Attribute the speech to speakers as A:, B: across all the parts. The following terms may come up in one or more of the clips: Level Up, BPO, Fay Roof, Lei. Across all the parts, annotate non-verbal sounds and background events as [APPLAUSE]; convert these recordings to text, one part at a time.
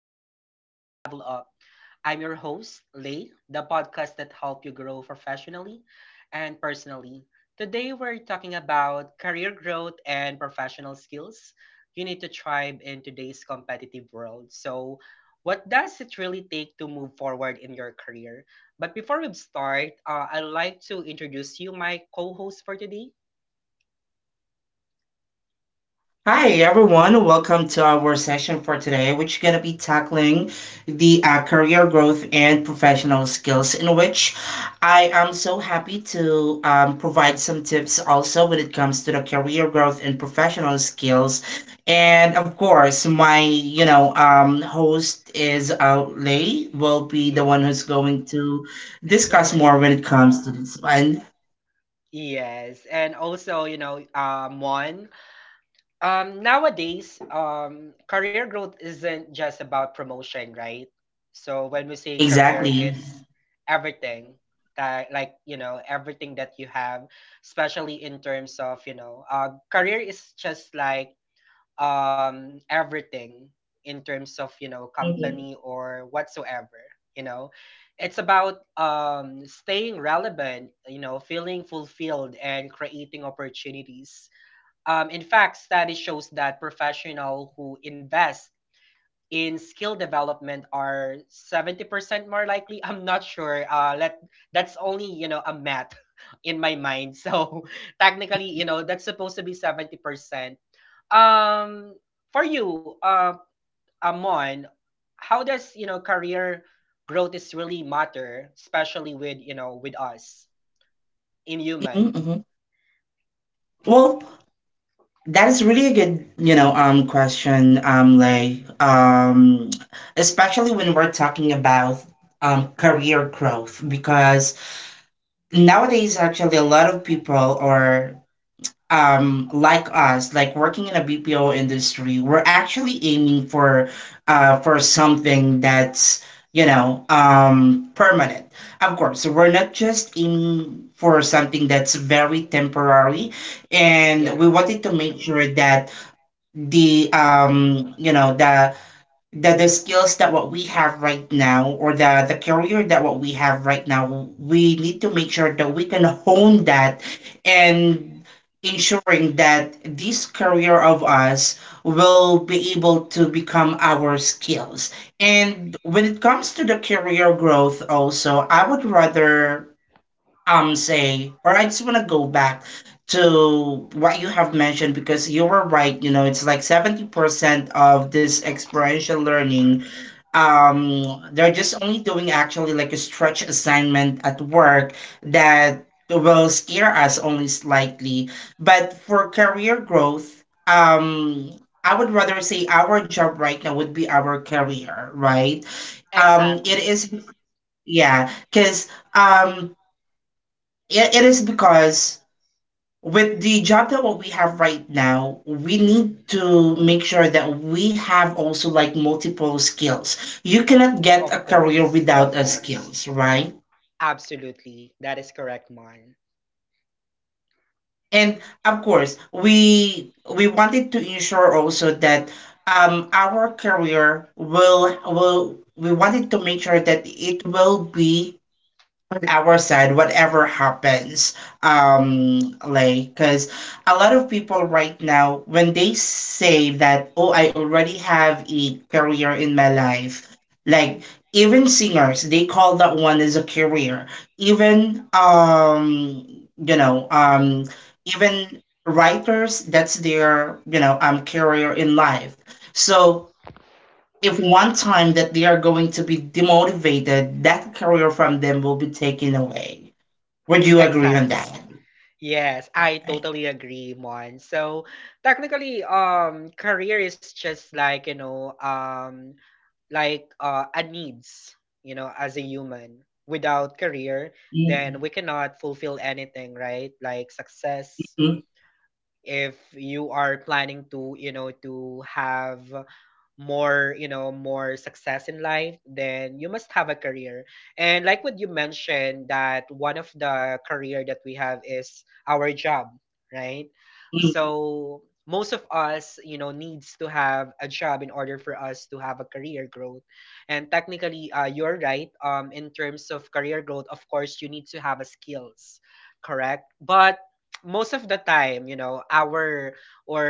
A: Welcome to Level Up. I'm your host, Lay, the podcast that helps you grow professionally and personally. Today, we're talking about career growth and professional skills you need to thrive in today's competitive world. So, what does it really take to move forward in your career? But before we start, I'd like to introduce you my co-host for today.
B: Hi everyone, welcome to our session for today, which is going to be tackling the career growth and professional skills. In which I am so happy to provide some tips also when it comes to the career growth and professional skills. And of course, my host is Lei will be the
A: Yeah.
B: one who's going to discuss more
A: [LAUGHS]
B: when it comes to this one.
A: Yes, and also, you know, nowadays, career growth isn't just about promotion, right? So when we say career,
B: Exactly.
A: it's everything that, like, you know, everything that you have, especially in terms of, you know, career is just like everything in terms of, you know,
B: Mhm,
A: company or whatsoever. You know, it's about staying relevant, you know, feeling fulfilled and creating opportunities. In fact, study shows that professional who invest in skill development are 70% more likely. I'm not sure. Let That's only, you know, a math [LAUGHS] in my mind, so [LAUGHS] technically, you know, that's supposed to be 70%. um, for you, Amon, how does, you know, career growth is really matter, especially with, you know, with us in human?
B: mhm. Well, that is really a good, question, Lay.
A: Mm,
B: Especially when we're talking about career growth, because nowadays, actually, a lot of people are like us, like working in a BPO industry. We're actually aiming for something that's, permanent. Of course, we're not just aiming for something that's very temporary, and
A: yeah,
B: we wanted to make sure that the you know the skills that what we have right now or the career that what we have right now we need to make sure that we can hone that, and ensuring that this career of us will be able to become our skills. And when it comes to the career growth, also I would rather say, or I just want to go back to what you have mentioned, because you were right, you know, it's like 70% of this experiential learning. They're just only doing actually like a stretch assignment at work that will scare us only slightly. But for career growth, I would rather say our job right now would be our career, right? Um, it
A: exactly.
B: is, yeah, because um, it is because with the job that what we have right now, we
A: Mm,
B: need to make sure that we have also like multiple skills. You cannot get a
A: of
B: career
A: course,
B: without a skills, right?
A: absolutely. That is correct, Mon.
B: And of course, we wanted to ensure also that our career will, we wanted to make sure that it will be on our side, whatever happens, like, because a lot of people right now, when they say that, oh, I already have a career in my life, like, even singers, they call that one as a career. Even, even writers, that's their, career in life. So if one time that they are going to be demotivated, that career from them will be taken away. Would you agree on
A: Exactly.
B: that?
A: Yes, I
B: Right.
A: totally agree, Mon. So technically, career is just like, you know, like a needs, you know, as a human. Without career,
B: Mm,
A: then we cannot fulfill anything, right? Like success.
B: mm,
A: If you are planning to, you know, to have more you know more success in life, then you must have a career. And like what you mentioned, that one of the career that we have is our job, right?
B: mm,
A: So most of us, you know, needs to have a job in order for us to have a career growth. And technically, you're right, in terms of career growth, of course, you need to have a skills, correct? But most of the time, you know, our or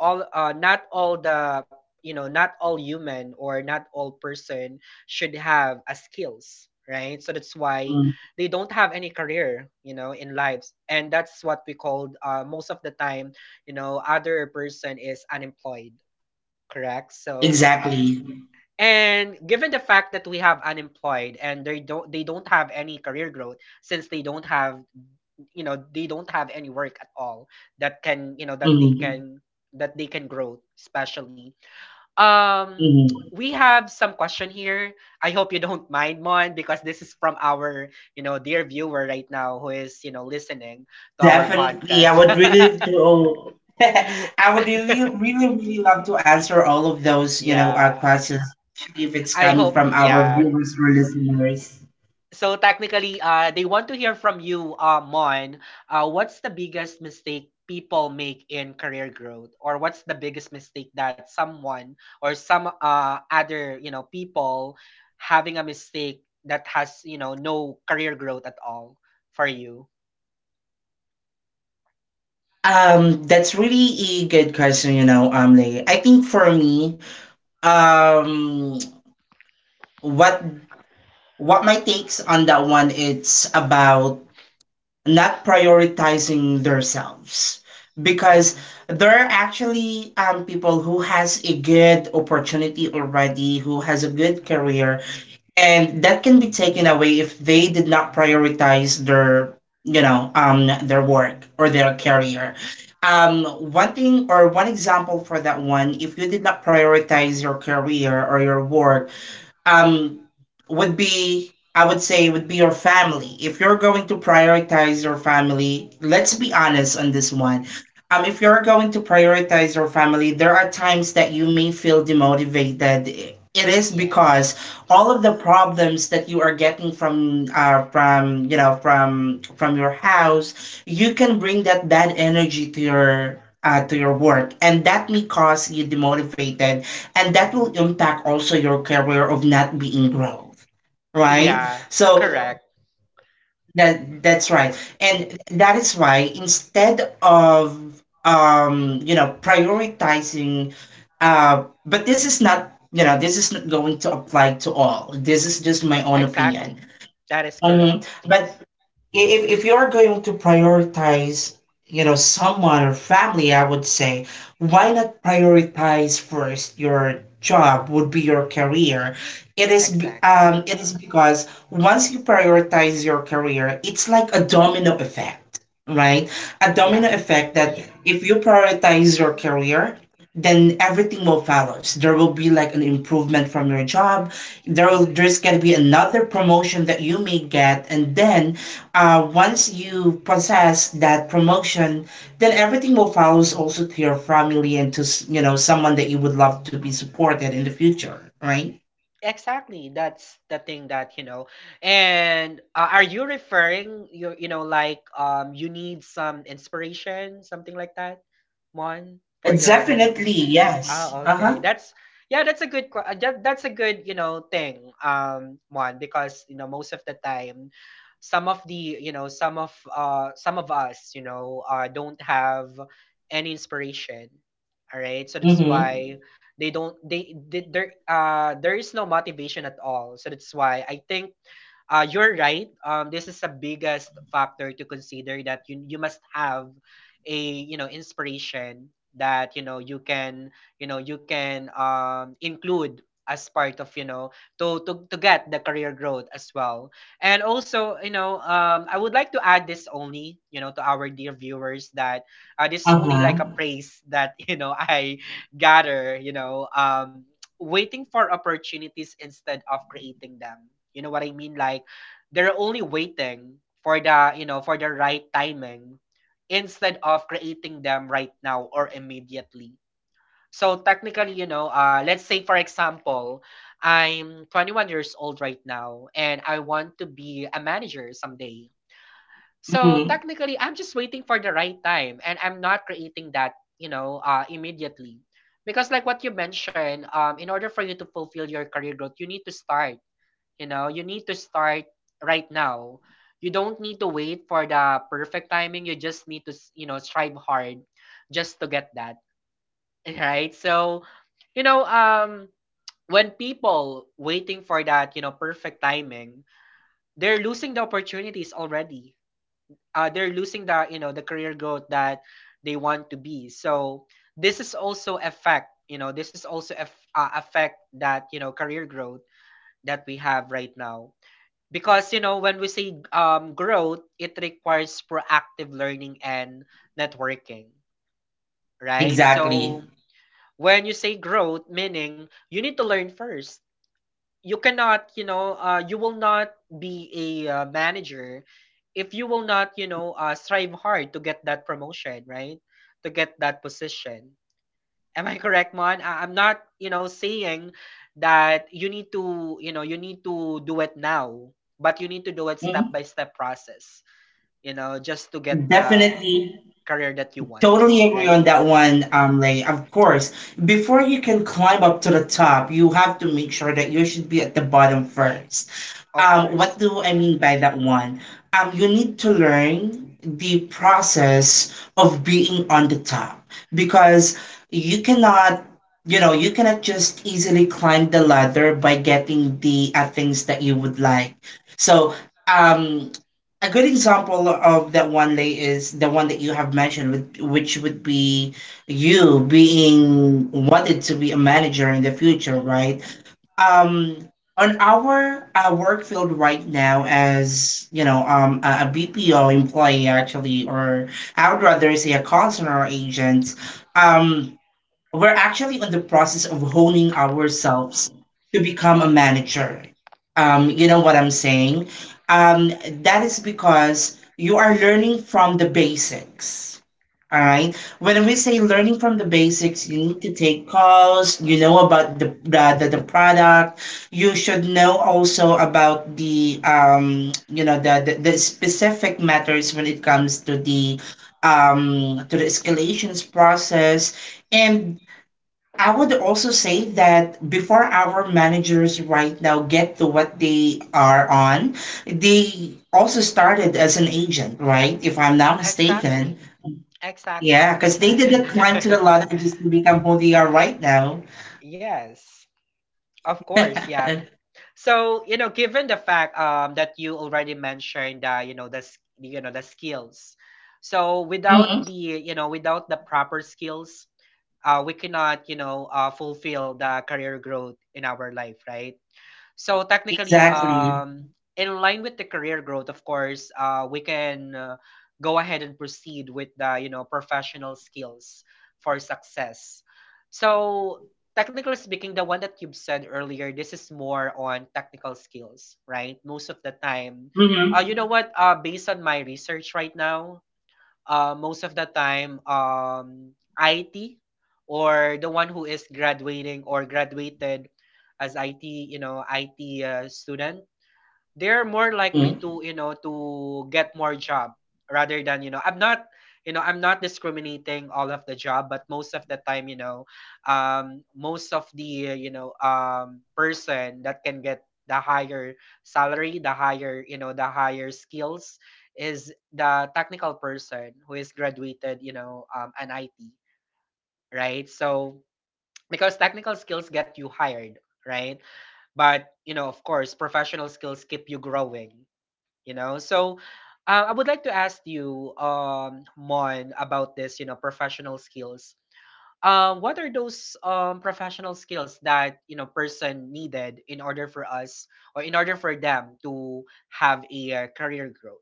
A: all not all the, you know, not all human or not all person should have a skills, right? So that's why
B: mm.
A: they don't have any career, you know, in lives. And that's what we called, most of the time, you know, other person is unemployed, correct? So,
B: Exactly.
A: and given the fact that we have unemployed and they don't, they don't have any career growth since they don't have, you know, they don't have any work at all that can, you know,
B: Mm,
A: that they can grow, especially, um,
B: mm.
A: we have some question here. I hope you don't mind, Mon, because this is from our, you know, dear viewer right now who is, you know, listening to our
B: Definitely, I
A: podcast.
B: would really do. [LAUGHS]
A: [LAUGHS]
B: I would really, really, really love to answer all of those,
A: Yeah.
B: questions, especially if it's
A: I
B: coming
A: hope,
B: from our
A: yeah.
B: viewers or listeners.
A: So technically, they want to hear from you, Mon. What's the biggest mistake people make in career growth, or what's the biggest mistake that someone or some other, you know, people having a mistake that has, you know, no career growth at all for you?
B: That's really a good question, Lay. I think for me, um, what what my takes on that one, it's about not prioritizing themselves, because
A: Hmm.
B: there are actually people who has a good opportunity already, who has a good career, and that can be taken away if they did not prioritize their, their work or their career. Um, one thing or one example for that one, if you did not prioritize your career or your work, um, would be, I would say would be your family. If you're going to prioritize your family, let's be honest on this one. Um, if you're going to prioritize your family, there are times that you may feel demotivated. It is because
A: Yes.
B: all of the problems that you are getting from your house, you can bring that bad energy to your work, and that may cause you demotivated, and that will
A: Hmm.
B: impact also your career of not being growth, right?
A: Yeah.
B: So
A: Correct.
B: that, that's right, and that is why instead of prioritizing, but this is not, you know, this is not going to apply to all, this is just my own opinion.
A: Exactly. That is
B: Um,
A: correct.
B: but if you're going to prioritize, you know, someone or family, I would say, why not prioritize first your job, would be your career? It is
A: Exactly.
B: it is because once you prioritize your career, it's like a domino effect, right? A domino
A: Yeah.
B: effect that, yeah, if you prioritize your career, then everything will follow. There will be like an improvement from your job.
A: Hmm.
B: There's gonna be another promotion that you may get, and then, once you possess that promotion, then everything will follow, also to your family and to you know, someone that you would love to be supported in the future, right?
A: Exactly. That's the thing that, you know. And are you referring you know, like, you need some inspiration, something like that, Mon, for your, you know.
B: Definitely, yes.
A: Oh,
B: Uh
A: okay.
B: huh.
A: That's a that's a good, you know, thing. One because, you know, most of the time, some of the, you know, some of us, you know, don't have any inspiration. All right? So
B: Mm
A: that's
B: hmm.
A: why they don't they there there is no motivation at all. So that's why I think you're right. This is the biggest factor to consider that you must have a, you know, inspiration that, you know, you can, you know, you can include as part of, you know, to get the career growth as well. And also, you know, I would like to add this only, you know, to our dear viewers that this is
B: Uh
A: only like a
B: huh.
A: praise that [LAUGHS] you know I gather, you know, waiting for opportunities instead of creating them. You know what I mean? Like, they're only waiting for the, you know, for the right timing instead of creating them right now or immediately. So technically, you know, let's say for example, I'm 21 years old right now and I want to be a manager someday.
B: Mm
A: So
B: hmm.
A: technically I'm just waiting for the right time and I'm not creating that, you know, immediately, because like what you mentioned, in order for you to fulfill your career growth, you need to start, you know, you need to start right now. You don't need to wait for the perfect timing. You just need to, you know, strive hard just to get that, [LAUGHS] right? So, you know, when people waiting for that, you know, perfect timing, they're losing the opportunities already. They're losing the, you know, the career growth that they want to be. So, this is also affect, you know, this is also affect that, you know, career growth that we have right now, because you know, when we say growth, it requires proactive learning and networking, right?
B: Exactly.
A: So when you say growth, meaning you need to learn first. You cannot, you know, you will not be a manager if you will not, you know, strive hard to get that promotion, right? To get that position. Am I correct, Mon? I'm not, you know, saying that you need to, you know, you need to do it now, but you need to do it step
B: Mhm.
A: by step process, you know, just to get the
B: Definitely,
A: career that you want,
B: totally agree
A: right?
B: on that one, Lay. Of course, before you can climb up to the top, you have to make sure that you should be at the bottom first.
A: Of
B: What
A: course.
B: do I mean by that one? You need to learn the process of being on the top, because you cannot, you know, you cannot just easily climb the ladder by getting the things that you would like. So, um, a good example of that one, Lay, is the one that you have mentioned, with which would be you being wanted to be a manager in the future, right? Um, on our work field right now, as you know, BPO employee, actually, or I would rather say a call center agent. Um, we're actually on the process of honing ourselves to become a manager. You know what I'm saying? Um, that is because you are learning from the basics. All right. When we say learning from the basics, you need to take calls. You know about the product. You should know also about the you know the specific matters when it comes to the escalations process. And I would also say that before our managers right now get to what they are on, they also started as an agent, right? If I'm not mistaken.
A: Exactly.
B: Yeah,
A: Exactly.
B: because they didn't
A: [LAUGHS]
B: climb to the ladder just to become who they are right now.
A: Yes, of course, yeah.
B: [LAUGHS]
A: So, you know, given the fact that you already mentioned, you know, you know, the skills. So, without
B: Mhm.
A: the, you know, without the proper skills, we cannot, you know, fulfill the career growth in our life, right? So technically,
B: Exactly.
A: in line with the career growth, of course, we can, go ahead and proceed with the, you know, professional skills for success. So technically speaking, the one that you've said earlier, this is more on technical skills, right? Most of the time,
B: Hmm.
A: you know what? Based on my research right now, most of the time, IT, or the one who is graduating or graduated as IT, you know, IT student, they're more likely to, you know, to get more job rather than, you know, I'm not, you know, I'm not discriminating all of the job. But most of the time, you know, most of the, you know, person that can get the higher salary, the higher, you know, the higher skills is the technical person who is graduated, you know, an it, right? So because technical skills get you hired, right? But you know, of course, professional skills keep you growing, you know. So I would like to ask you, Mon, about this, you know, professional skills. What are those professional skills that, you know, person needed in order for us or in order for them to have a, career growth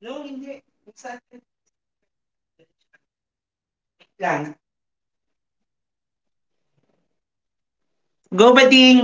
B: No, hindi. Go, Bating!